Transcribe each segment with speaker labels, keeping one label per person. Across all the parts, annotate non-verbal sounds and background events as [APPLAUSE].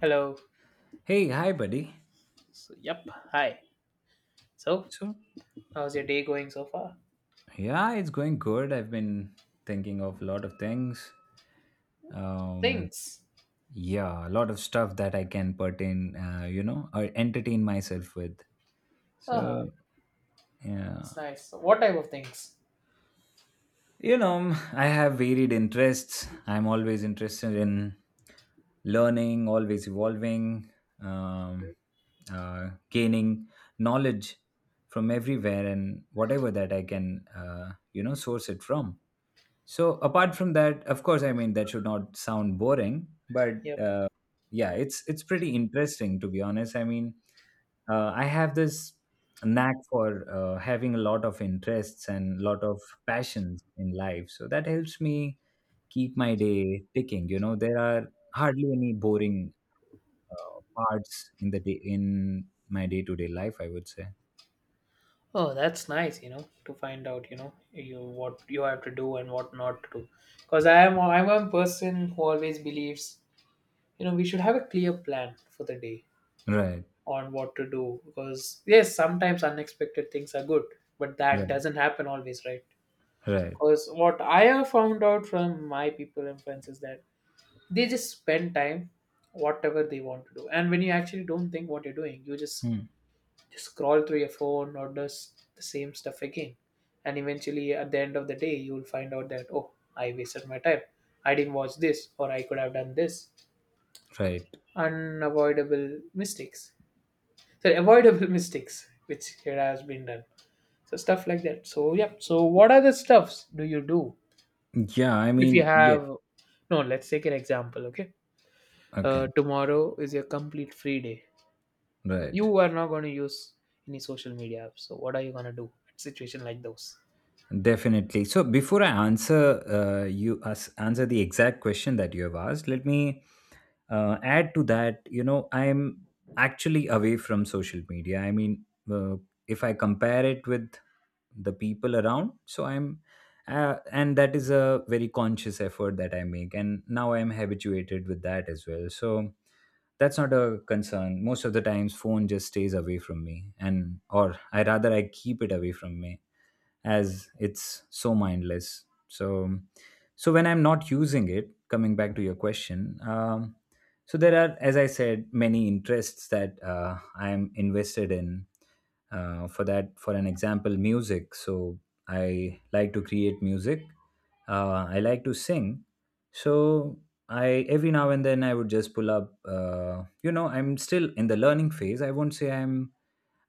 Speaker 1: Hello.
Speaker 2: Hey, hi, buddy.
Speaker 1: So, yep. Hi. So,
Speaker 2: So,
Speaker 1: how's your day going so far?
Speaker 2: yeah, it's going good. I've been thinking of a lot of things. Um,
Speaker 1: Things.
Speaker 2: yeah, a lot of stuff that I can pertain, or entertain myself with.
Speaker 1: Oh,
Speaker 2: So, yeah,
Speaker 1: it's nice. So what type of things?
Speaker 2: [LAUGHS] I have varied interests. I'm always interested in learning, always evolving, um, gaining knowledge from everywhere and whatever that I can, source it from. So
Speaker 1: Oh.
Speaker 2: apart from that, of course, I mean that should not sound boring, but
Speaker 1: Yep.
Speaker 2: uh, yeah, it's pretty interesting to be honest. I mean, I have this knack for having a lot of interests and lot of passions in life, so that helps me keep my day ticking. You know, there are hardly any boring parts in my day to day life. I would say.
Speaker 1: Oh, that's nice. You know, to find out. You know, you what you have to do and what not to do. Because I'm a person who always believes. You know, we should have a clear plan for the day
Speaker 2: Right.
Speaker 1: on what to do. Because yes, sometimes unexpected things are good, but that
Speaker 2: Right.
Speaker 1: doesn't happen always, right?
Speaker 2: Right.
Speaker 1: Because what I have found out from my people and friends is that they just spend time whatever they want to do, and when you actually don't think what you're doing, you
Speaker 2: Hmm.
Speaker 1: just scroll through your phone or does the same stuff again, and eventually at the end of the day you'll find out that oh, I wasted my time, I didn't watch this, or I could have done this.
Speaker 2: Right.
Speaker 1: Unavoidable mistakes, so avoidable [LAUGHS] mistakes which here has been done. So stuff like that. So yeah, so what other stuffs do you do
Speaker 2: Yeah. I
Speaker 1: if you
Speaker 2: mean, yeah.
Speaker 1: have no, let's take an example. Okay,
Speaker 2: Okay.
Speaker 1: tomorrow is your complete free day,
Speaker 2: Right.
Speaker 1: you are not going to use any social media apps. So what are you going to do at situation like those?
Speaker 2: Definitely. So before I answer you as answer the exact question that you have asked, let me add to that. You know, I'm actually away from social media. I mean, uh, if I compare it with the people around, and that is a very conscious effort that I make, and now I'm habituated with that as well. So that's not a concern. Most of the times, phone just stays away from me, and or I rather I keep it away from me, as it's so mindless, so when I'm not using it, coming back to your question, so there are, as I said, many interests that I'm invested in, for that, for an example, music. So I like to create music, I like to sing. So I every now and then I would just pull up, you know, I'm still in the learning phase, I won't say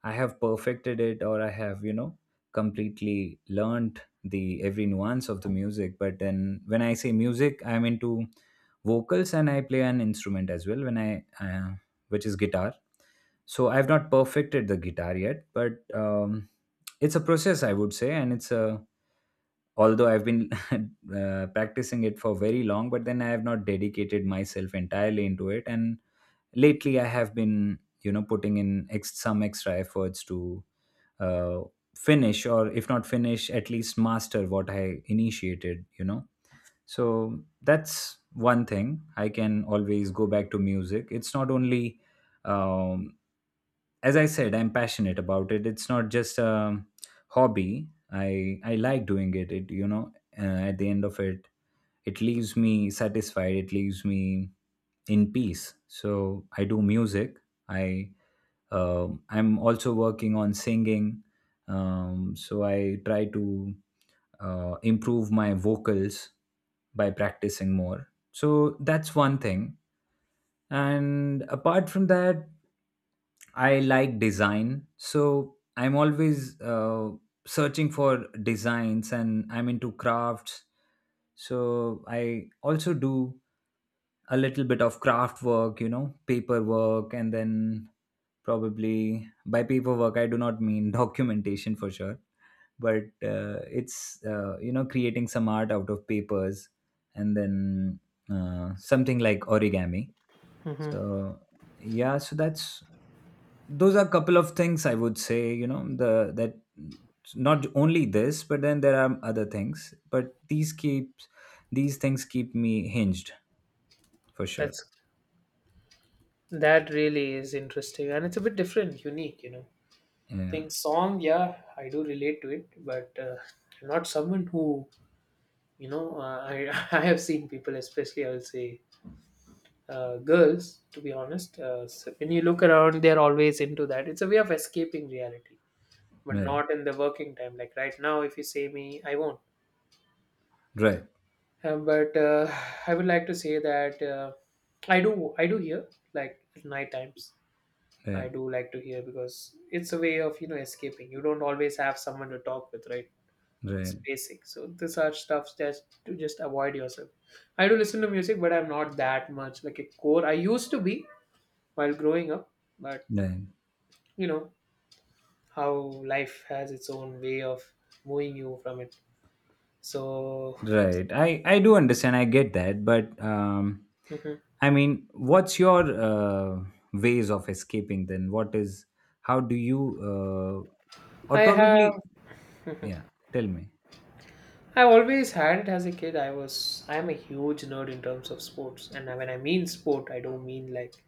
Speaker 2: I have perfected it, or I have, you know, completely learned the every nuance of the music. But then when I say music, I'm into vocals, and I play an instrument as well when I, which is guitar. So I've not perfected the guitar yet, but it's a process, I would say, and it's a although I've been [LAUGHS] practicing it for very long, but then I have not dedicated myself entirely into it. And lately, I have been, you know, putting in some extra efforts to uh, finish, or if not finish, at least master what I initiated. So that's one thing. I can always go back to music. It's not only, um, as I said, I'm passionate about it, it's not just a hobby. I like doing it, at the end of it, it leaves me satisfied, it leaves me in peace. So I do music. i I'm also working on singing, so I try to improve my vocals by practicing more. So that's one thing. And apart from that, I like design, so I'm always searching for designs, and I'm into crafts. So I also do a little bit of craft work, you know, paperwork, and then probably by paperwork, I do not mean [LAUGHS] documentation for sure, but creating some art out of papers, and then something like origami.
Speaker 1: Hmm.
Speaker 2: So, yeah, so that's those are a couple of things I would say, you know, the that, not only this, but then there are other things, but these things keep me hinged for sure.
Speaker 1: That's that really is interesting, and it's a bit different, unique. You know,
Speaker 2: Yeah.
Speaker 1: think song. Yeah, I do relate to it, but I'm not someone who, you know. I [LAUGHS] I have seen people, especially I will say girls, to be honest. So when you look around, they're always into that. It's a way of escaping reality, but
Speaker 2: Right.
Speaker 1: not in the working time. Like right now, if you say me, I won't.
Speaker 2: Right,
Speaker 1: But I would like to say that I do hear, like at night times I
Speaker 2: right,
Speaker 1: do like to hear, because it's a way of, you know, escaping. You don't always have someone to talk with, right? It's
Speaker 2: right,
Speaker 1: basic. So these are stuff that to just avoid yourself. I do listen to music, but I'm not that much like a core. I used to be while growing up, but
Speaker 2: right,
Speaker 1: you know how life has its own way of moving you from it. So
Speaker 2: right. I do understand. I get that, but
Speaker 1: [LAUGHS]
Speaker 2: I mean, what's your ways of escaping then? What is How do you, or
Speaker 1: I have.
Speaker 2: probably
Speaker 1: [LAUGHS]
Speaker 2: yeah? Tell me.
Speaker 1: I always had it as a kid. I am a huge nerd in terms of sports, and when I mean sport, I don't mean like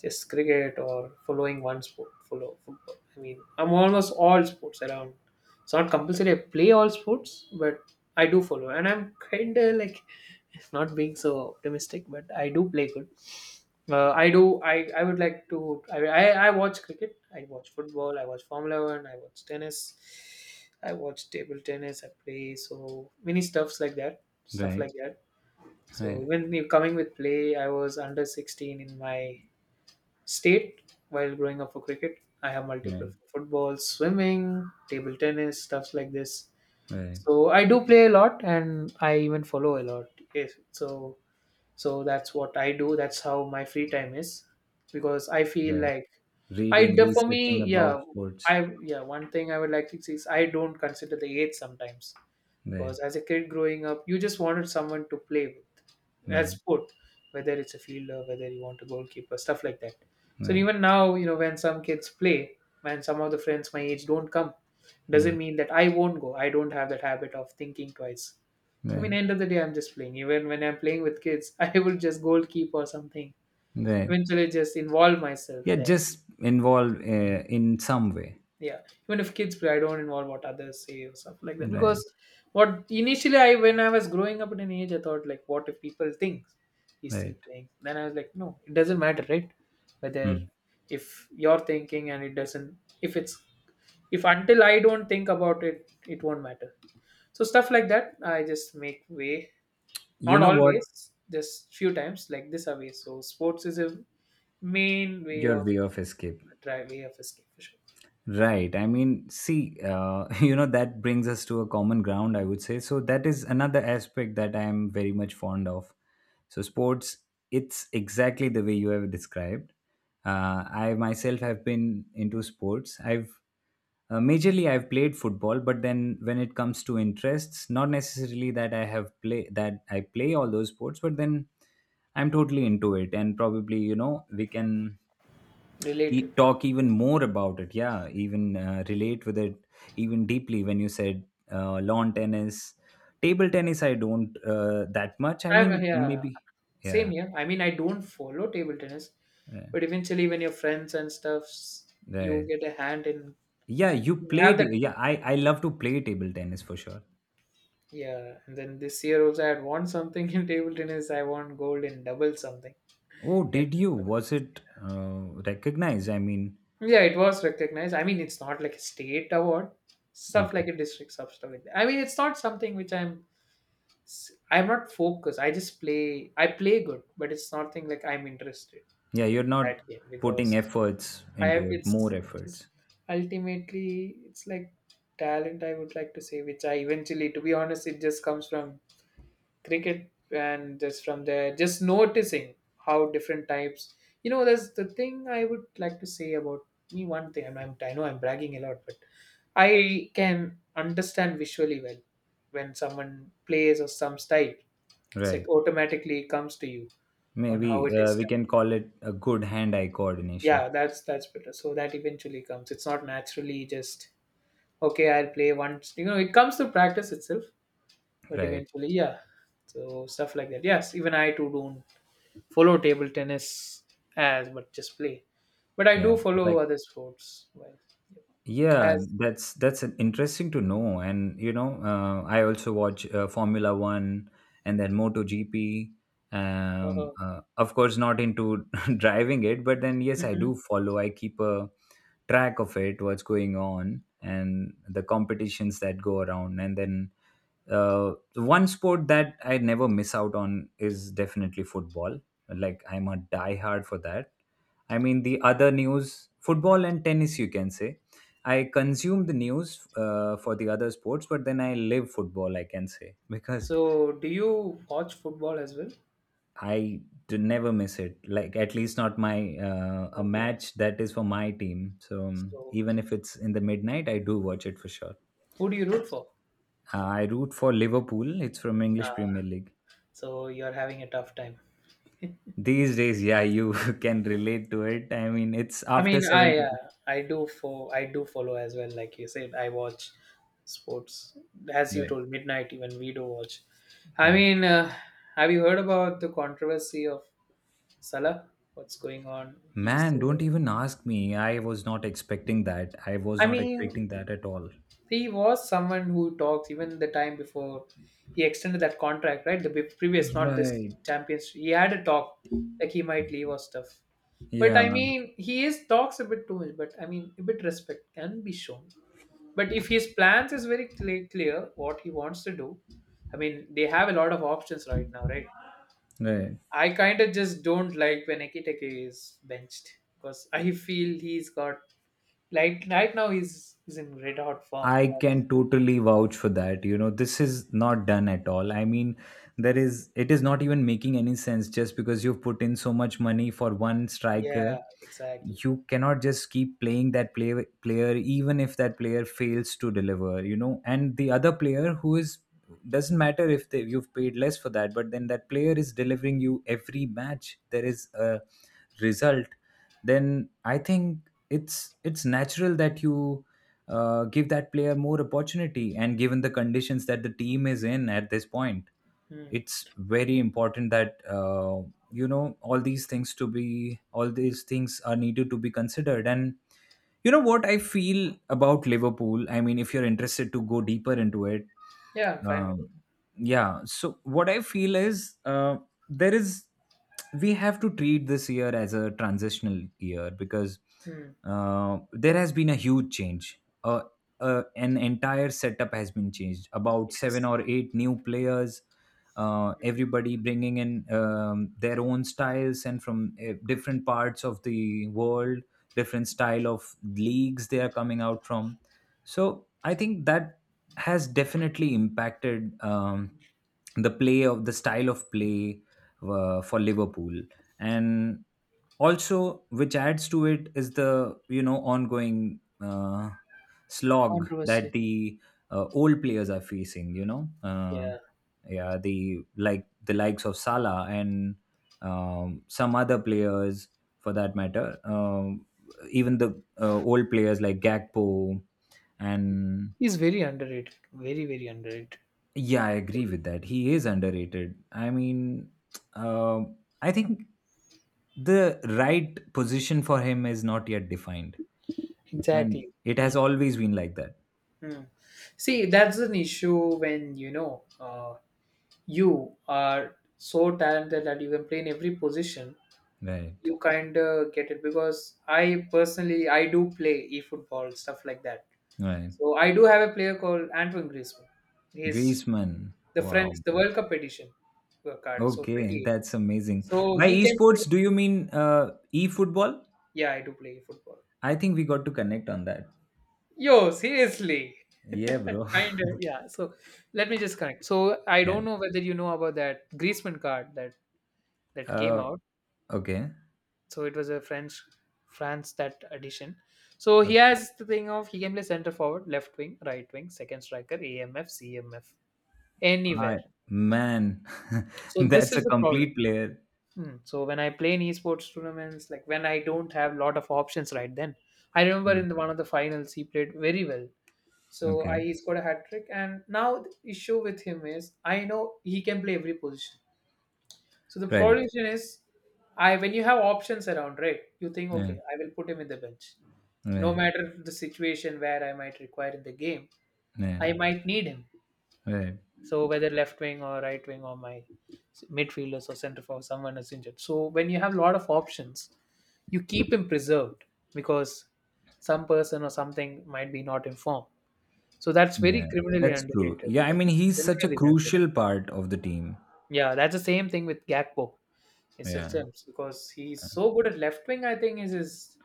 Speaker 1: just cricket or following one sport. Follow football. I mean I'm almost all sports around. It's not compulsory. I play all sports, but I do follow, and I'm kind of like [LAUGHS] not being so optimistic, but I do play good. I do. I would like to. I watch cricket. I watch football. I watch Formula One. I watch tennis. I watch table tennis. I play so many stuffs like that. Stuff
Speaker 2: Right,
Speaker 1: like that. So
Speaker 2: right,
Speaker 1: even you coming with play, I was under 16 in my state while growing up for cricket. I have multiple
Speaker 2: right,
Speaker 1: for football, swimming, table tennis, stuffs like this.
Speaker 2: right,
Speaker 1: So I do play a lot, and I even follow a lot. Yes. So so that's what I do. That's how my free time is because I feel
Speaker 2: right.
Speaker 1: like
Speaker 2: Reading,
Speaker 1: for
Speaker 2: researching
Speaker 1: me,
Speaker 2: about
Speaker 1: yeah,
Speaker 2: sports.
Speaker 1: one thing I would like to say is I don't consider the age sometimes,
Speaker 2: Right,
Speaker 1: because as a kid growing up, you just wanted someone to play with as
Speaker 2: right,
Speaker 1: sport, whether it's a fielder, whether you want a goalkeeper, stuff like that. So
Speaker 2: right,
Speaker 1: even now, you know, when some kids play, when some of the friends my age don't come, doesn't
Speaker 2: right,
Speaker 1: mean that I won't go. I don't have that habit of thinking twice. I
Speaker 2: right,
Speaker 1: mean, end of the day, I'm just playing. Even when I'm playing with kids, [LAUGHS] I will just goalkeep or something.
Speaker 2: right.
Speaker 1: Eventually, just involve myself
Speaker 2: Yeah,
Speaker 1: there.
Speaker 2: just involve
Speaker 1: Mm.
Speaker 2: in some way.
Speaker 1: Yeah, even if kids play, I don't involve what others say or stuff like that. Because
Speaker 2: Right,
Speaker 1: what initially I, when I was growing up in an age, I thought like, what if people think he's still
Speaker 2: right.
Speaker 1: playing? Then I was like, no, it doesn't matter, right?
Speaker 2: Hmm.
Speaker 1: Whether, if you're thinking and it doesn't, if it's, if until I don't think about it, it won't matter. So stuff like that, I just make way.
Speaker 2: You
Speaker 1: Not
Speaker 2: know what?
Speaker 1: always, just few times like this away. So sports is a main way
Speaker 2: Your
Speaker 1: of,
Speaker 2: way of escape.
Speaker 1: try way of escape for sure.
Speaker 2: Right. I mean, see, [LAUGHS] that brings us to a common ground, I would say. So, that is another aspect that I am very much fond of. So, sports, it's exactly the way you have described. I myself have been into sports. I've Majorly, I've played football, but then when it comes to interests, not necessarily that I play all those sports, but then I'm totally into it, and probably, you know, we can
Speaker 1: Related.
Speaker 2: talk even more about it, yeah, even relate with it even deeply when you said lawn tennis, table tennis, I don't, that much, I mean,
Speaker 1: I'm, yeah,
Speaker 2: maybe,
Speaker 1: same
Speaker 2: yeah,
Speaker 1: here. I mean, I don't follow table tennis,
Speaker 2: uh,
Speaker 1: but eventually when your friends and stuffs, you
Speaker 2: right,
Speaker 1: get a hand in,
Speaker 2: yeah. You
Speaker 1: you
Speaker 2: played.
Speaker 1: have that.
Speaker 2: Yeah, I love to play table tennis for sure.
Speaker 1: Yeah. And then this year also I had won something in table tennis. I won gold in double something
Speaker 2: Oh,
Speaker 1: in
Speaker 2: did you? Was
Speaker 1: tournaments.
Speaker 2: it uh, recognized, I mean?
Speaker 1: Yeah, it was recognized. I mean, it's not like a state award, stuff like
Speaker 2: Okay,
Speaker 1: a district stuff, stuff like that. I mean, it's not something which I'm. I'm not focused. I just play. I play good, but it's nothing like I'm interested
Speaker 2: yeah, you're
Speaker 1: that
Speaker 2: not
Speaker 1: game,
Speaker 2: putting
Speaker 1: because
Speaker 2: efforts
Speaker 1: I have.
Speaker 2: into it, more
Speaker 1: It's just
Speaker 2: efforts,
Speaker 1: ultimately it's like talent. I would like to say, which I eventually, to be honest, it just comes from cricket, and just from there just noticing how different types, you know, there's the thing I would like to say about me, one thing, and I'm, I know I'm bragging a lot, but I can understand visually well when someone plays or some style. It's like
Speaker 2: right,
Speaker 1: automatically it comes to you on how it
Speaker 2: maybe.
Speaker 1: is
Speaker 2: We
Speaker 1: done.
Speaker 2: can call it a good hand eye
Speaker 1: Yeah,
Speaker 2: coordination,
Speaker 1: that's better. So that eventually comes, it's not naturally just okay I'll play once, you know, it comes to practice itself, but
Speaker 2: right?
Speaker 1: eventually yeah. So stuff like that. Yes, even I too don't follow table tennis as, but just play. But I
Speaker 2: Yeah,
Speaker 1: do follow
Speaker 2: like.
Speaker 1: other sports well,
Speaker 2: Yeah,
Speaker 1: as
Speaker 2: that's an interesting to know. And I also watch Formula One, and then MotoGP.
Speaker 1: uh,
Speaker 2: Of course, not into [LAUGHS] driving it, but then yes, I do
Speaker 1: mhm.
Speaker 2: follow. I keep a track of it, what's going on, and the competitions that go around. And then one sport that I never miss out on is definitely football. Like, I'm a diehard for that. I mean, the other news, football and tennis, you can say I consume the news for the other sports, but then I live football, I can say, because
Speaker 1: So, do you watch football as well?
Speaker 2: I never miss it. Like, at least not my, a
Speaker 1: Okay.
Speaker 2: match that is for my team. So
Speaker 1: So,
Speaker 2: even if it's in the midnight, I do watch it for sure.
Speaker 1: who do you root for?
Speaker 2: I root for Liverpool. It's from English
Speaker 1: Uh,
Speaker 2: Premier League.
Speaker 1: so you're having a tough time.
Speaker 2: These days, yeah, you [LAUGHS] can relate to it. I mean, it's
Speaker 1: I
Speaker 2: after
Speaker 1: mean,
Speaker 2: 72.
Speaker 1: I do for I do follow as well. Like you said, I watch sports, as you
Speaker 2: Right,
Speaker 1: told, midnight. Even we do watch. I
Speaker 2: right.
Speaker 1: mean, have you heard about the controversy of Salah? What's going on? He's
Speaker 2: Man, don't
Speaker 1: saying,
Speaker 2: even ask me. I was not expecting that. I was
Speaker 1: I
Speaker 2: not
Speaker 1: mean,
Speaker 2: expecting that at all.
Speaker 1: he was someone who talks even the time before he extended that contract, right? The previous, not this
Speaker 2: Right.
Speaker 1: champions. He had a talk like he might leave or stuff. But
Speaker 2: Yeah,
Speaker 1: I mean, he is talks a bit too much. But I mean, a bit respect can be shown. But if his plans is very clear, clear what he wants to do, I mean, they have a lot of options right now, right?
Speaker 2: right.
Speaker 1: I kind of just don't like when Ekiteke is benched, because I feel he's got, like right now he's in red hot form.
Speaker 2: I can totally vouch for that. You know, this is not done at all. I mean, it is not even making any sense just because you've put in so much money for one striker.
Speaker 1: Yeah, exactly.
Speaker 2: You cannot just keep playing that player, even if that player fails to deliver, you know, and the other player who is, doesn't matter if they, you've paid less for that, but then that player is delivering you every match. There is a result. Then I think it's natural that you, give that player more opportunity, and given the conditions that the team is in at this point,
Speaker 1: Hmm.
Speaker 2: it's very important that, you know, all these things are needed to be considered. And you know what I feel about Liverpool, I mean, if you're interested to go deeper into it,
Speaker 1: Yeah, I'm fine with
Speaker 2: um, yeah, so what I feel is, there is we have to treat this year as a transitional year, because
Speaker 1: it. Hmm.
Speaker 2: there has been a huge change. An entire setup has been changed, about seven
Speaker 1: Yes.
Speaker 2: or eight new players, everybody bringing in their own styles, and from different parts of the world, different style of leagues they are coming out from. So I think that has definitely impacted, the style of play for Liverpool. And also which adds to it is the ongoing slog that
Speaker 1: Controversy.
Speaker 2: the old players are facing,
Speaker 1: Yeah,
Speaker 2: yeah, the likes of Salah and some other players for that matter, even the old players like Gakpo, and
Speaker 1: he's very underrated. Very very underrated.
Speaker 2: yeah, I agree with that. He is underrated, I mean. [TSK] I think the right position for him is not yet defined. And
Speaker 1: Exactly.
Speaker 2: it has
Speaker 1: Me.
Speaker 2: always been like that.
Speaker 1: Hmm. See, that's an issue when you know you are so talented that you can play in every position,
Speaker 2: Right.
Speaker 1: you kind of get it, because I personally I do play e football stuff like that.
Speaker 2: Right.
Speaker 1: So I do have a player called Antoine Griezmann. He's
Speaker 2: Griezmann.
Speaker 1: the French,
Speaker 2: Wow,
Speaker 1: the
Speaker 2: man.
Speaker 1: World Cup edition card, so
Speaker 2: Okay,
Speaker 1: 2018.
Speaker 2: that's amazing.
Speaker 1: So
Speaker 2: By
Speaker 1: he can play.
Speaker 2: esports, do you mean e-football?
Speaker 1: Yeah, I do play football.
Speaker 2: I think we got to connect on that.
Speaker 1: Yo, seriously.
Speaker 2: Yeah,
Speaker 1: [LAUGHS]
Speaker 2: bro.
Speaker 1: Kind
Speaker 2: [LAUGHS]
Speaker 1: of, yeah. So let me just connect. So I
Speaker 2: Yeah.
Speaker 1: don't know whether you know about that Griezmann card that that came
Speaker 2: Uh,
Speaker 1: out.
Speaker 2: okay.
Speaker 1: So it was a French, France that addition. So
Speaker 2: Uh,
Speaker 1: he has the thing of he can play center forward, left wing, right wing, second striker, AMF, CMF, anywhere.
Speaker 2: I Man, [LAUGHS]
Speaker 1: So this
Speaker 2: that's
Speaker 1: is
Speaker 2: a
Speaker 1: the problem.
Speaker 2: complete player.
Speaker 1: Hmm. So when I play in esports tournaments, like when I don't have lot of options right then, I remember
Speaker 2: Mm.
Speaker 1: in the, one of the finals he played very well. So
Speaker 2: Okay.
Speaker 1: I he scored a hat trick, and now the issue with him is I know he can play every position. So the
Speaker 2: Right.
Speaker 1: problem is I, when you have options around, right? You think
Speaker 2: Yeah.
Speaker 1: okay, I will put him in the bench no
Speaker 2: Right.
Speaker 1: matter the situation, where I might require in the game,
Speaker 2: Yeah.
Speaker 1: I might need him.
Speaker 2: Right.
Speaker 1: So whether left wing or right wing or my midfielders or centre forward, someone is injured. So when you have a lot of options, you keep him preserved, because some person or something might be not informed. So that's very
Speaker 2: Yeah.
Speaker 1: criminally
Speaker 2: That's true.
Speaker 1: underrated.
Speaker 2: Yeah. I
Speaker 1: That's
Speaker 2: mean, he's such a
Speaker 1: criminally underrated.
Speaker 2: crucial part of the team.
Speaker 1: Yeah, that's the same thing with Gakpo. It's a
Speaker 2: Yeah.
Speaker 1: sense because he's so good at left wing. I think is his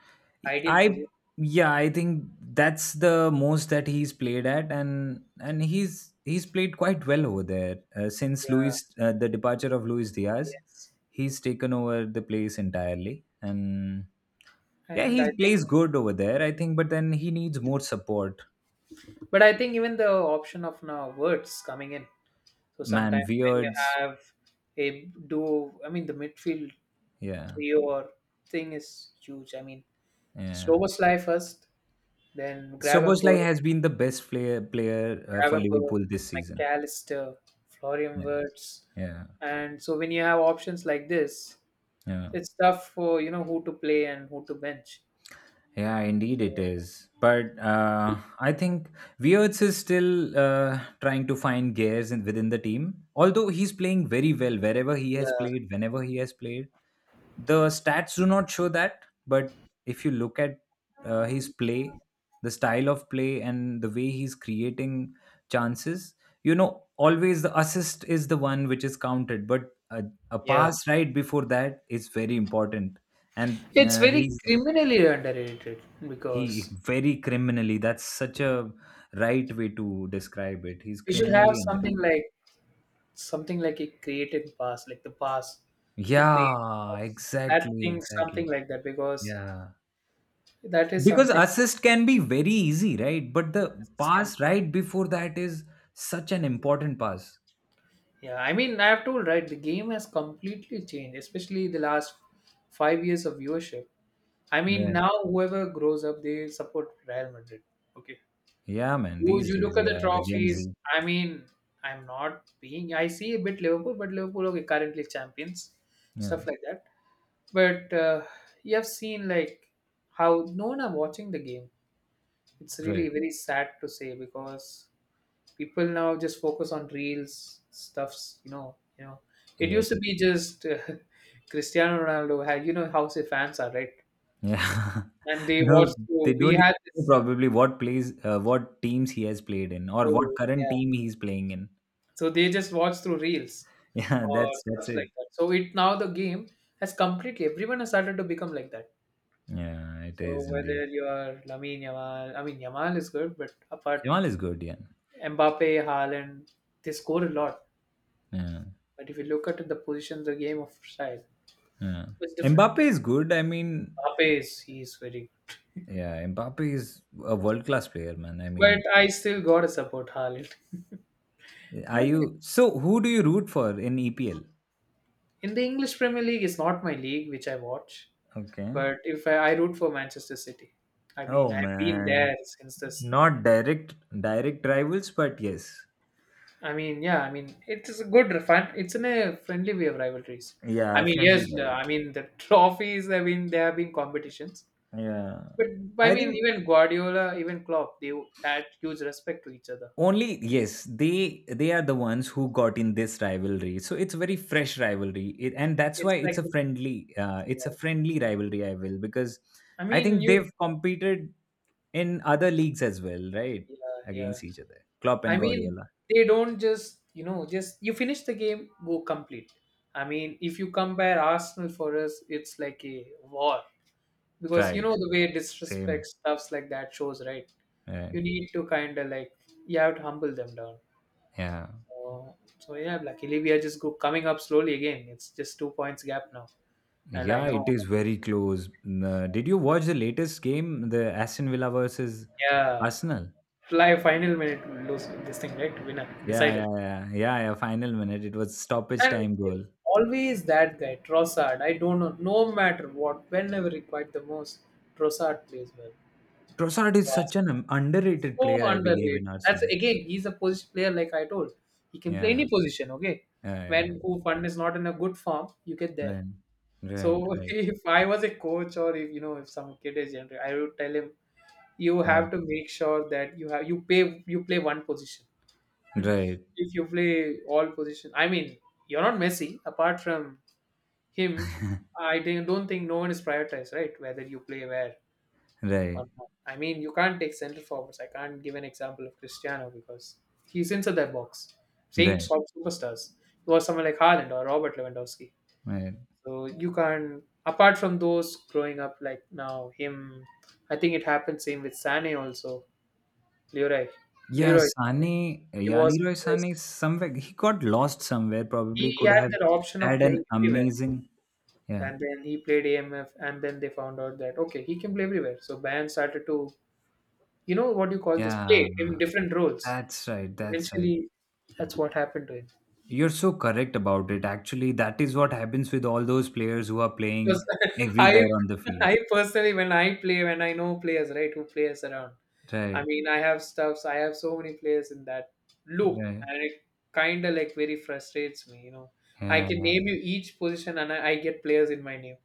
Speaker 1: ideal
Speaker 2: I
Speaker 1: position.
Speaker 2: Yeah, I think that's the most that he's played at, and he's played quite well over there since
Speaker 1: Yeah,
Speaker 2: Luis the departure of Luis Diaz.
Speaker 1: yes.
Speaker 2: He's taken over the place entirely, and yeah,
Speaker 1: And I
Speaker 2: he
Speaker 1: think,
Speaker 2: plays good over there, I think. But then he needs more support.
Speaker 1: but I think even the option of now words coming in. So
Speaker 2: Man,
Speaker 1: sometimes when you
Speaker 2: Weirds,
Speaker 1: have a duo, I mean the midfield
Speaker 2: yeah,
Speaker 1: trio or thing is huge. I mean
Speaker 2: yeah.
Speaker 1: Slobosly first, then
Speaker 2: Soboslai
Speaker 1: Gravenberg,
Speaker 2: has been the best player for
Speaker 1: Gravenberg,
Speaker 2: Liverpool this season.
Speaker 1: McAllister, Florian
Speaker 2: Yeah,
Speaker 1: Wirtz,
Speaker 2: yeah,
Speaker 1: and so when you have options like this,
Speaker 2: yeah.
Speaker 1: it's tough for you know who to play and who to bench.
Speaker 2: Yeah, indeed it is. But I think Weirts is still trying to find gears within the team. Although he's playing very well wherever he has
Speaker 1: Yeah,
Speaker 2: played, whenever he has played. The stats do not show that. But if you look at his play, the style of play, and the way he's creating chances, always the assist is the one which is counted. But a
Speaker 1: yeah.
Speaker 2: pass right before that is very important. And
Speaker 1: It's very criminally underrated
Speaker 2: he
Speaker 1: because
Speaker 2: very criminally. That's such a right way to describe it. He's
Speaker 1: we should have
Speaker 2: criminally
Speaker 1: something
Speaker 2: underrated.
Speaker 1: like something like a created past, like the past who
Speaker 2: Yeah,
Speaker 1: creates that
Speaker 2: exactly,
Speaker 1: thing,
Speaker 2: exactly.
Speaker 1: something like that, because
Speaker 2: Yeah.
Speaker 1: that is
Speaker 2: Because
Speaker 1: something.
Speaker 2: assist can be very easy, right? But the
Speaker 1: as it can-
Speaker 2: pass right before that is such an important pass.
Speaker 1: Yeah, I mean, I have told right, the game has completely changed, especially the last 5 years of viewership. I mean,
Speaker 2: Yeah,
Speaker 1: now whoever grows up, they support Real Madrid. Okay,
Speaker 2: yeah man,
Speaker 1: you
Speaker 2: these
Speaker 1: you
Speaker 2: days,
Speaker 1: look at the
Speaker 2: yeah, the Gen
Speaker 1: trophies.
Speaker 2: Z.
Speaker 1: I mean, I'm not being. I see a bit Liverpool, but Liverpool okay currently champions,
Speaker 2: Yeah,
Speaker 1: stuff like that. But you have seen like how no one are watching the game. It's
Speaker 2: right.
Speaker 1: really very sad to say because people now just focus on reels stuffs. It
Speaker 2: Yeah,
Speaker 1: used to
Speaker 2: they do.
Speaker 1: be just [LAUGHS] Cristiano Ronaldo. Had how say fans are right,
Speaker 2: Yeah. [LAUGHS]
Speaker 1: and they watch.
Speaker 2: No, they
Speaker 1: Through, we
Speaker 2: don't
Speaker 1: had
Speaker 2: even know
Speaker 1: this.
Speaker 2: probably what plays what teams he has played in or what
Speaker 1: So
Speaker 2: current
Speaker 1: yeah.
Speaker 2: team he's playing in. [LAUGHS]
Speaker 1: So they just watch through reels
Speaker 2: Yeah,
Speaker 1: or
Speaker 2: that's
Speaker 1: stuff
Speaker 2: it.
Speaker 1: like that. So it now the game has completely everyone has started to become like that.
Speaker 2: Yeah, it
Speaker 1: So
Speaker 2: is indeed.
Speaker 1: whether you're Lamine Yamal, I mean Yamal is good, but apart
Speaker 2: Yamal is good, yeah.
Speaker 1: Mbappe, Haaland, they score a lot.
Speaker 2: Yeah.
Speaker 1: But if you look at the position, the game of style
Speaker 2: Yeah.
Speaker 1: it's different.
Speaker 2: Mbappe is good. I mean,
Speaker 1: Mbappe is he is very good,
Speaker 2: yeah, Mbappe is a world class player, man. I
Speaker 1: but
Speaker 2: mean,
Speaker 1: I still gotta support Haaland. I
Speaker 2: are
Speaker 1: mean,
Speaker 2: you so who do you root for in EPL?
Speaker 1: in the English Premier League, it's not my league which I watch,
Speaker 2: Okay.
Speaker 1: but if I root for Manchester City, I mean
Speaker 2: Oh
Speaker 1: I've been
Speaker 2: man.
Speaker 1: there since this.
Speaker 2: Not direct rivals, but yes.
Speaker 1: I mean, yeah, I mean, it is a good fun. It's in a friendly way of rivalries. I
Speaker 2: Yeah,
Speaker 1: mean,
Speaker 2: friendly
Speaker 1: yes,
Speaker 2: rivals.
Speaker 1: I mean the [LAUGHS] trophies have been there have been competitions,
Speaker 2: Yeah.
Speaker 1: but I
Speaker 2: I
Speaker 1: mean
Speaker 2: think
Speaker 1: even Guardiola, even Klopp, they had huge respect to each other.
Speaker 2: only yes they are the ones who got in this rivalry, so it's very fresh rivalry it, and that's
Speaker 1: It's
Speaker 2: why
Speaker 1: like, yeah,
Speaker 2: it's a
Speaker 1: it's,
Speaker 2: friendly rivalry I will because
Speaker 1: I
Speaker 2: I
Speaker 1: mean,
Speaker 2: think
Speaker 1: you,
Speaker 2: they've competed in other leagues as well, right?
Speaker 1: yeah, yeah.
Speaker 2: Against each other, Klopp
Speaker 1: I
Speaker 2: and
Speaker 1: mean,
Speaker 2: Guardiola.
Speaker 1: they don't just just you finish the game, go complete. I mean, if you compare Arsenal for us, it's like a war. Because you know
Speaker 2: Right.
Speaker 1: the way disrespect
Speaker 2: Same.
Speaker 1: stuffs like that shows, right?
Speaker 2: Right.
Speaker 1: You need to kind of like you have to humble them down.
Speaker 2: Yeah,
Speaker 1: So yeah, luckily we are just go coming up slowly again. It's just 2 points gap now, and I
Speaker 2: yeah,
Speaker 1: know.
Speaker 2: it is very
Speaker 1: Obviously,
Speaker 2: close. Did you watch the latest game, the Aston Villa versus
Speaker 1: yeah,
Speaker 2: Arsenal?
Speaker 1: live final minute lose this thing right winner
Speaker 2: Yeah,
Speaker 1: decided,
Speaker 2: yeah, yeah, yeah, yeah, final minute, it was stoppage
Speaker 1: and
Speaker 2: time
Speaker 1: it's
Speaker 2: goal.
Speaker 1: always that guy Trossard. I don't know, no matter what, whenever required the most, Trossard plays
Speaker 2: Trossard is
Speaker 1: well.
Speaker 2: such an
Speaker 1: It's
Speaker 2: underrated player,
Speaker 1: so
Speaker 2: I believe,
Speaker 1: underrated.
Speaker 2: in
Speaker 1: That's
Speaker 2: Arsenal.
Speaker 1: again, he's a position player, like I told. He can play any
Speaker 2: Yeah,
Speaker 1: position, okay?
Speaker 2: yeah, yeah, yeah.
Speaker 1: When Fund is not in a good form, you get there.
Speaker 2: Right, right,
Speaker 1: So [LAUGHS]
Speaker 2: right,
Speaker 1: if I was a coach or if if some kid is younger, I would tell him you
Speaker 2: right,
Speaker 1: have to make sure that you have you pay you play one position. [LAUGHS]
Speaker 2: right,
Speaker 1: If you play all position, I mean you're not Messi. Apart from him, don't think no one is prioritized, right? Whether you play where
Speaker 2: right,
Speaker 1: or not. I mean, you can't take centre forwards. I can't give an example of Cristiano because he's inside that box. Saying
Speaker 2: right.
Speaker 1: top superstars, it was someone like Haaland or Robert Lewandowski.
Speaker 2: Right.
Speaker 1: So you can't. Apart from those growing up, like now him, I think it happened same with Sane also. Leroy,
Speaker 2: Yeah,
Speaker 1: Leroy Sane.
Speaker 2: Sane,
Speaker 1: He
Speaker 2: yeah,
Speaker 1: was
Speaker 2: Leroy Sane, is somewhere he got lost somewhere. Probably
Speaker 1: he
Speaker 2: could
Speaker 1: had
Speaker 2: have
Speaker 1: that option of
Speaker 2: had an
Speaker 1: playing everywhere,
Speaker 2: amazing. Yeah,
Speaker 1: and then he played AMF, and then they found out that okay, he can play everywhere. So Bayern started to, what do you call this?
Speaker 2: yeah.
Speaker 1: Play in different roles.
Speaker 2: That's right. That's right.
Speaker 1: Eventually, that's what happened to him.
Speaker 2: You're so correct about it. Actually, that is what happens with all those players who are
Speaker 1: Because
Speaker 2: playing
Speaker 1: [LAUGHS] I,
Speaker 2: everywhere on the field.
Speaker 1: I personally, when I play, when I know players, right, who plays around, I
Speaker 2: Right.
Speaker 1: mean, I have stuffs, I have so many players in that loop,
Speaker 2: Right.
Speaker 1: and it kind of like very frustrates me. I
Speaker 2: Yeah.
Speaker 1: can
Speaker 2: Yeah.
Speaker 1: name you each position, and I get players in my name.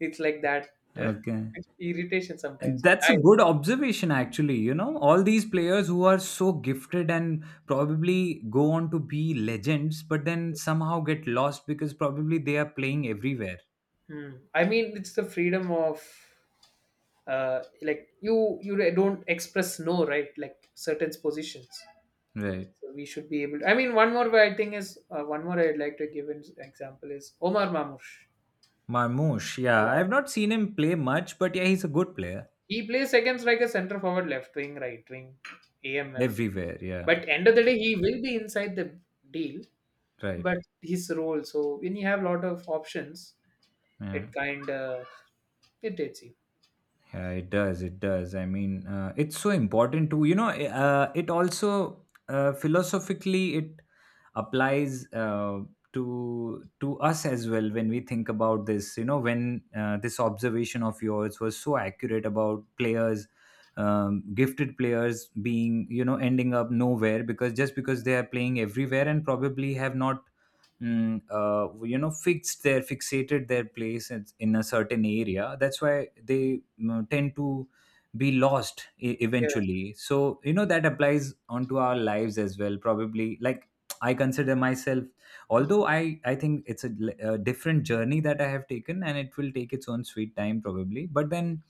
Speaker 1: It's like that uh,
Speaker 2: Okay.
Speaker 1: [LAUGHS] irritation sometimes.
Speaker 2: And that's a good observation, actually. You know, all these players who are so gifted and probably go on to be legends, but then somehow get lost because probably they are playing everywhere.
Speaker 1: Hmm. I mean, it's the freedom of like you don't express no right like certain positions.
Speaker 2: Right.
Speaker 1: So we should be able to. I mean, one more way I think is one more I'd like to give an example is Omar Mamoush.
Speaker 2: Marmoush,
Speaker 1: Yeah,
Speaker 2: yeah. I've not seen him play much, but yeah, he's a good player
Speaker 1: he plays against like a center forward, left wing, right wing, AMF.
Speaker 2: everywhere. Yeah.
Speaker 1: But end of the day, he will be inside the deal. But
Speaker 2: Right.
Speaker 1: his role, so when you have a lot of options,
Speaker 2: Yeah.
Speaker 1: it kind of irritates you.
Speaker 2: Yeah, it does. It does. I mean, it's so important to it also philosophically it applies, to us as well when we think about this. You know, when this observation of yours was so accurate about players, gifted players being you know ending up nowhere because just because they are playing everywhere and probably have not you know fixed their fixated their place in a certain area, that's why they tend to be lost
Speaker 1: Yeah.
Speaker 2: eventually. So you know that applies onto our lives as well probably, like I consider myself,
Speaker 1: Mhm.
Speaker 2: although I think it's a different journey that I have taken and it will take its own sweet time probably, but then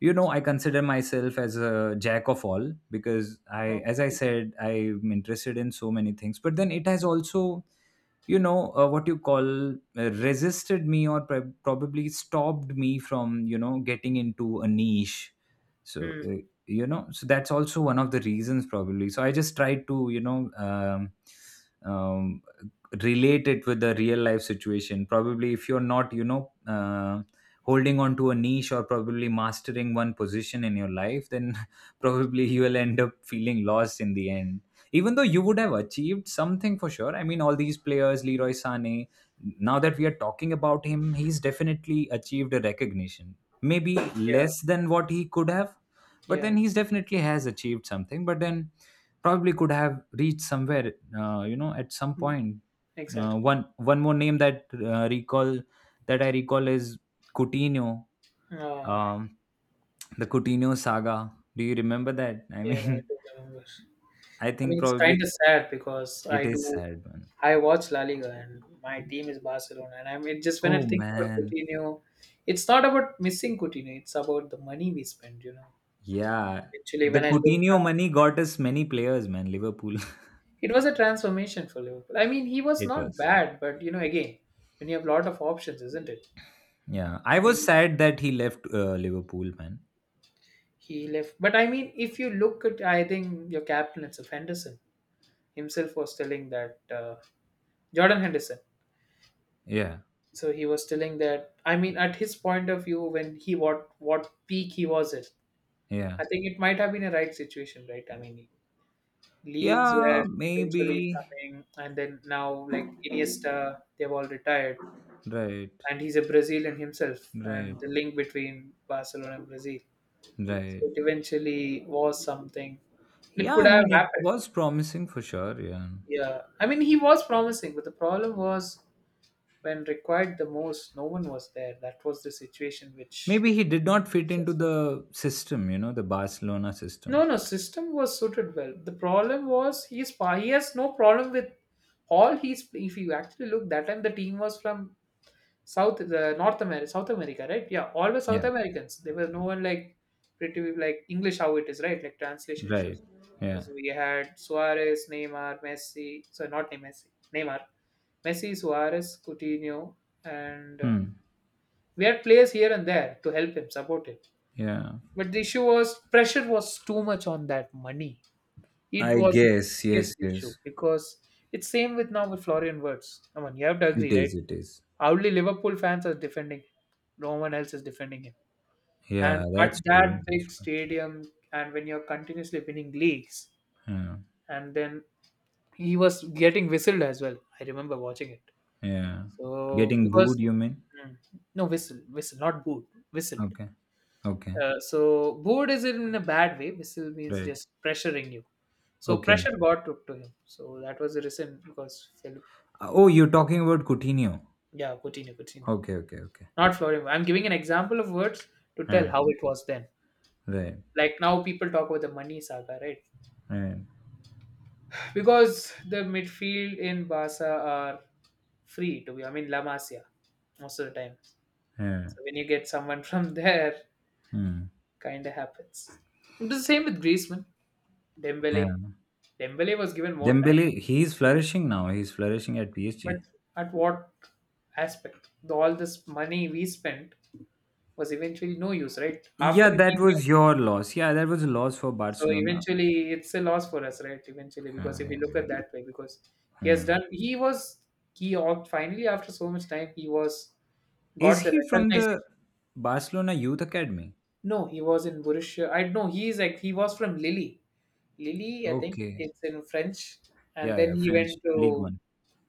Speaker 2: you know I consider myself as a jack of all because I, as I
Speaker 1: Okay.
Speaker 2: said, I'm interested in so many things, but then it has also you know what you call resisted me or probably stopped me from you know getting into a niche. So
Speaker 1: Hmm.
Speaker 2: you know, so that's also one of the reasons probably. So I just tried to you know um, relate it with the real life situation. Probably if you're not you know holding on to a niche or probably mastering one position in your life, then [LAUGHS] probably you will end up feeling lost in the end, even though you would have achieved something for sure. I mean, all these players, Leroy Sané, now that we are talking about him, he's definitely achieved a recognition, maybe
Speaker 1: Yeah.
Speaker 2: less than what he could have, but
Speaker 1: Yeah.
Speaker 2: then he's definitely has achieved something, but then probably could have reached somewhere you know at some
Speaker 1: Hmm.
Speaker 2: point. uh,
Speaker 1: Exactly.
Speaker 2: one One more name that recall that I recall is Coutinho,
Speaker 1: Ah.
Speaker 2: um, the Coutinho saga, do you remember that? I
Speaker 1: Yeah.
Speaker 2: mean
Speaker 1: I do remember.
Speaker 2: [LAUGHS] I
Speaker 1: I mean,
Speaker 2: think
Speaker 1: it's kind
Speaker 2: probably
Speaker 1: of sad because I
Speaker 2: it is
Speaker 1: do,
Speaker 2: sad.
Speaker 1: I watch La Liga and my team is Barcelona. And I mean, just when I
Speaker 2: Oh
Speaker 1: think about
Speaker 2: man,
Speaker 1: Coutinho, it's not about missing Coutinho, it's about the money we spend.
Speaker 2: yeah.
Speaker 1: Actually,
Speaker 2: The
Speaker 1: when I look
Speaker 2: Coutinho
Speaker 1: now,
Speaker 2: money got us many players, man. Liverpool, [LAUGHS]
Speaker 1: it was a transformation for Liverpool. I mean, he was
Speaker 2: it
Speaker 1: not
Speaker 2: was.
Speaker 1: bad, but again, when you have lot of options, isn't it?
Speaker 2: Yeah,
Speaker 1: I
Speaker 2: I was
Speaker 1: mean,
Speaker 2: sad that he left Liverpool, man.
Speaker 1: he left. But I mean, if you look at, I think your captain, it's of Henderson himself was telling that Jordan Henderson.
Speaker 2: Yeah,
Speaker 1: So he was telling that, I mean, at his point of view, when he, what peak he was at,
Speaker 2: yeah,
Speaker 1: I think it might have been a right situation, right? I mean, leagues were
Speaker 2: yeah.
Speaker 1: eventually
Speaker 2: Maybe
Speaker 1: coming, and then now like Iniesta, they've all retired,
Speaker 2: right,
Speaker 1: and he's a Brazilian himself,
Speaker 2: right,
Speaker 1: and the link between Barcelona and Brazil, so
Speaker 2: right.
Speaker 1: it eventually was something. It
Speaker 2: Yeah,
Speaker 1: could
Speaker 2: I
Speaker 1: have
Speaker 2: mean it
Speaker 1: happened.
Speaker 2: was promising for sure. Yeah,
Speaker 1: Yeah, I mean, he was promising, but the problem was when required the most, no one was there. That was the situation which
Speaker 2: maybe he did not fit into
Speaker 1: stressed.
Speaker 2: the system, you know, the Barcelona
Speaker 1: No,
Speaker 2: system.
Speaker 1: no, system was suited well. The problem was he has no problem with all he's if you actually look that time the team was from South the North America South America, right? Yeah, all were South
Speaker 2: Yeah,
Speaker 1: Americans. There was no one like pretty like English how it is, right? Like translation
Speaker 2: right.
Speaker 1: issues.
Speaker 2: Yeah.
Speaker 1: So we had Suarez, Neymar, Messi. So not Neymar, Messi, Neymar, Messi, Suarez, Coutinho, and
Speaker 2: Hmm.
Speaker 1: we had players here and there to help him support him.
Speaker 2: Yeah.
Speaker 1: But the issue was pressure was too much on that money. It
Speaker 2: I
Speaker 1: was the
Speaker 2: guess. Yes.
Speaker 1: biggest issue
Speaker 2: Yes.
Speaker 1: because it's same with now with Florian Wirtz. Come on, you have to
Speaker 2: It
Speaker 1: agree, right?
Speaker 2: is. It is.
Speaker 1: Only Liverpool fans are defending him. No one else is defending him. And
Speaker 2: Yeah,
Speaker 1: at
Speaker 2: that's
Speaker 1: that
Speaker 2: true. That's
Speaker 1: big
Speaker 2: true.
Speaker 1: stadium, and when you're continuously winning leagues,
Speaker 2: Yeah.
Speaker 1: and then he was getting whistled as well. I remember watching it.
Speaker 2: Yeah.
Speaker 1: So
Speaker 2: Getting
Speaker 1: because,
Speaker 2: booed, you mean?
Speaker 1: hmm, no whistle, whistle, not boot, whistled.
Speaker 2: Okay. Okay.
Speaker 1: So bored is in a bad way. Whistle means
Speaker 2: Right.
Speaker 1: just pressuring you. So
Speaker 2: Okay.
Speaker 1: pressure got took to him. So that was the reason because Philip.
Speaker 2: Oh, you're talking about Coutinho.
Speaker 1: Yeah, Coutinho, Coutinho.
Speaker 2: Okay, okay, okay.
Speaker 1: Not Florimo. I'm giving an example of words to tell
Speaker 2: Yeah.
Speaker 1: how it was then.
Speaker 2: Right.
Speaker 1: Like now people talk about the money saga, right?
Speaker 2: Right.
Speaker 1: Because the midfield in Barca are free to be. I mean La Masia most of the time.
Speaker 2: Yeah.
Speaker 1: So when you get someone [LAUGHS] from there,
Speaker 2: Hmm.
Speaker 1: kind of happens. It was the same with Griezmann,
Speaker 2: Yeah.
Speaker 1: Dembele. Dembele was given more time.
Speaker 2: Dembele, he's flourishing now. He's flourishing at
Speaker 1: But
Speaker 2: PSG.
Speaker 1: at what aspect? The, all this money we spent was eventually no use, right?
Speaker 2: Yeah,
Speaker 1: After he
Speaker 2: that was
Speaker 1: left,
Speaker 2: your loss. Yeah, that was a loss for
Speaker 1: so
Speaker 2: Barcelona.
Speaker 1: eventually it's a loss for us, right? Eventually, because
Speaker 2: Yeah,
Speaker 1: if we
Speaker 2: yeah,
Speaker 1: look
Speaker 2: yeah,
Speaker 1: at that way, because he has
Speaker 2: yeah.
Speaker 1: done, he was, finally after so much time, he was
Speaker 2: Is
Speaker 1: got the
Speaker 2: he from
Speaker 1: recognition.
Speaker 2: the Barcelona Youth Academy?
Speaker 1: No, he was in Borussia. I know he is like he was from Lille. Lille, I think
Speaker 2: Okay.
Speaker 1: it's in French, and
Speaker 2: Yeah,
Speaker 1: then
Speaker 2: yeah,
Speaker 1: he
Speaker 2: French
Speaker 1: went
Speaker 2: League
Speaker 1: to
Speaker 2: One.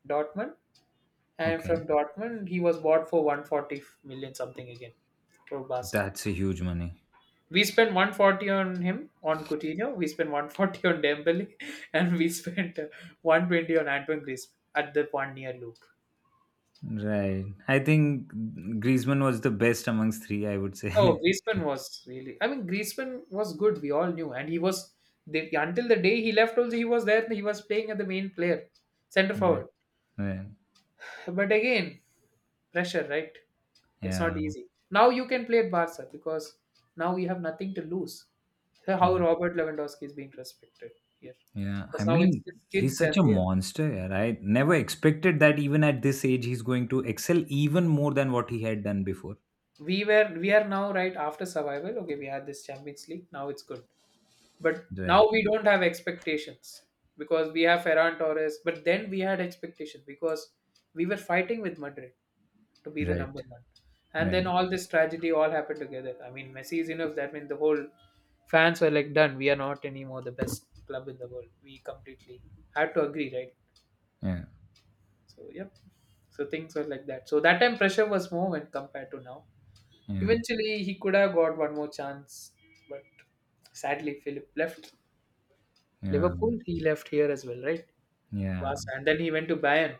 Speaker 1: Dortmund. And
Speaker 2: Okay.
Speaker 1: from Dortmund, he was bought for 140 million something again for Barca.
Speaker 2: That's a huge money.
Speaker 1: We spent 140 on him on Coutinho, we spent 140 on Dembele, [LAUGHS] and we spent 120 on Antoine Griezmann at the one year loop.
Speaker 2: Right. I think Griezmann was the best amongst three, I would
Speaker 1: Oh,
Speaker 2: say. [LAUGHS]
Speaker 1: Griezmann was really. I mean, Griezmann was good. We all knew, and he was the, until the day he left. Also, he was there. He was playing as the main player, center
Speaker 2: Right.
Speaker 1: forward.
Speaker 2: Right.
Speaker 1: But again, pressure, right? It's not
Speaker 2: Yeah.
Speaker 1: easy. Now you can play at Barca because now you have nothing to lose. So how
Speaker 2: Yeah.
Speaker 1: Robert Lewandowski is being respected here.
Speaker 2: Yeah. I
Speaker 1: Because now it's
Speaker 2: mean,
Speaker 1: just
Speaker 2: he's
Speaker 1: kids and
Speaker 2: such a
Speaker 1: there.
Speaker 2: monster. Yeah. I never expected that even at this age, he's going to excel even more than what he had done before.
Speaker 1: We are now right after survival. Okay, we had this Champions League. Now it's good. But
Speaker 2: Right.
Speaker 1: now we don't have expectations because we have Ferran Torres. But then we had expectations because we were fighting with Madrid to be the
Speaker 2: Right.
Speaker 1: number one. And then
Speaker 2: Right.
Speaker 1: all this tragedy all happened together. I mean, Messi is enough. That means the whole fans were like, done. We are not anymore the best club in the world. We completely had to agree, right?
Speaker 2: Yeah.
Speaker 1: So, yep. So things were like that. So that time pressure was more when compared to now.
Speaker 2: Yeah.
Speaker 1: Eventually, he could have got one more chance, but sadly, Philip left.
Speaker 2: Yeah.
Speaker 1: Liverpool, he left here as well, right?
Speaker 2: Yeah.
Speaker 1: Barca. And then he went to Bayern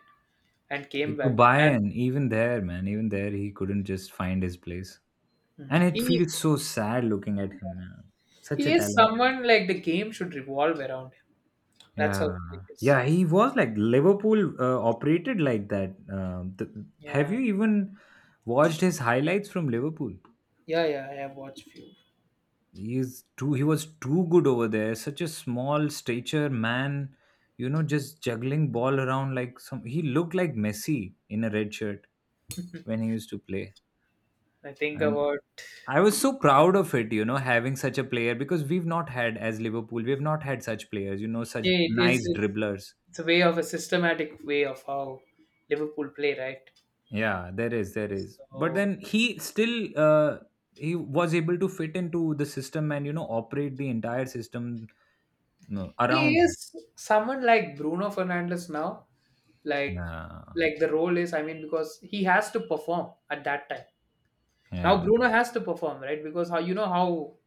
Speaker 1: and came
Speaker 2: It, to
Speaker 1: back. And
Speaker 2: Bayern, even there, man, even there, he couldn't just find his place.
Speaker 1: Mm.
Speaker 2: And it
Speaker 1: he
Speaker 2: feels so sad looking at him now. Such
Speaker 1: he
Speaker 2: a
Speaker 1: is
Speaker 2: talent.
Speaker 1: someone like the game should revolve around him. That's how
Speaker 2: Yeah,
Speaker 1: Philip is.
Speaker 2: yeah, he was like Liverpool operated like that. Have
Speaker 1: Yeah,
Speaker 2: you even watched his highlights from Liverpool?
Speaker 1: yeah, yeah. I have watched few.
Speaker 2: He is too. He was too good over there. Such a small stature man, you know, just juggling ball around like some. He looked like Messi in a red shirt when he used to play,
Speaker 1: I think
Speaker 2: and
Speaker 1: about
Speaker 2: I was so proud of it. You know, having such a player because we've not had, as Liverpool, we've not had such players. You know, such
Speaker 1: yeah,
Speaker 2: nice
Speaker 1: it's,
Speaker 2: dribblers.
Speaker 1: it's a way of a systematic way of how Liverpool play, right?
Speaker 2: Yeah, there is, there is. But
Speaker 1: So
Speaker 2: then he still he was able to fit into the system and you know operate the entire system, no,
Speaker 1: he
Speaker 2: around him.
Speaker 1: is someone like Bruno Fernandes now, like
Speaker 2: Yeah,
Speaker 1: like the role is. I mean, because he has to perform at that time. Now
Speaker 2: yeah,
Speaker 1: Bruno has to perform, right? Because how you know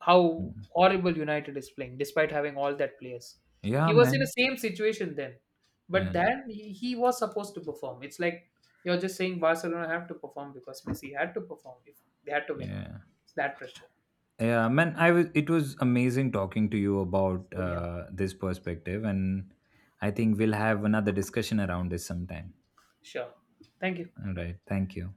Speaker 1: how
Speaker 2: mm,
Speaker 1: horrible United is playing, despite having all that players.
Speaker 2: yeah,
Speaker 1: He was in the
Speaker 2: man.
Speaker 1: same situation then, but
Speaker 2: Yeah,
Speaker 1: then he was supposed to perform. It's like you're just saying Barcelona have to perform because Messi had to perform if they had to win.
Speaker 2: yeah,
Speaker 1: It's that pressure.
Speaker 2: yeah, man. I was. It was amazing talking to you about
Speaker 1: Same here.
Speaker 2: this perspective, and I think we'll have another discussion around this sometime.
Speaker 1: Sure. Thank you.
Speaker 2: All right. Thank you.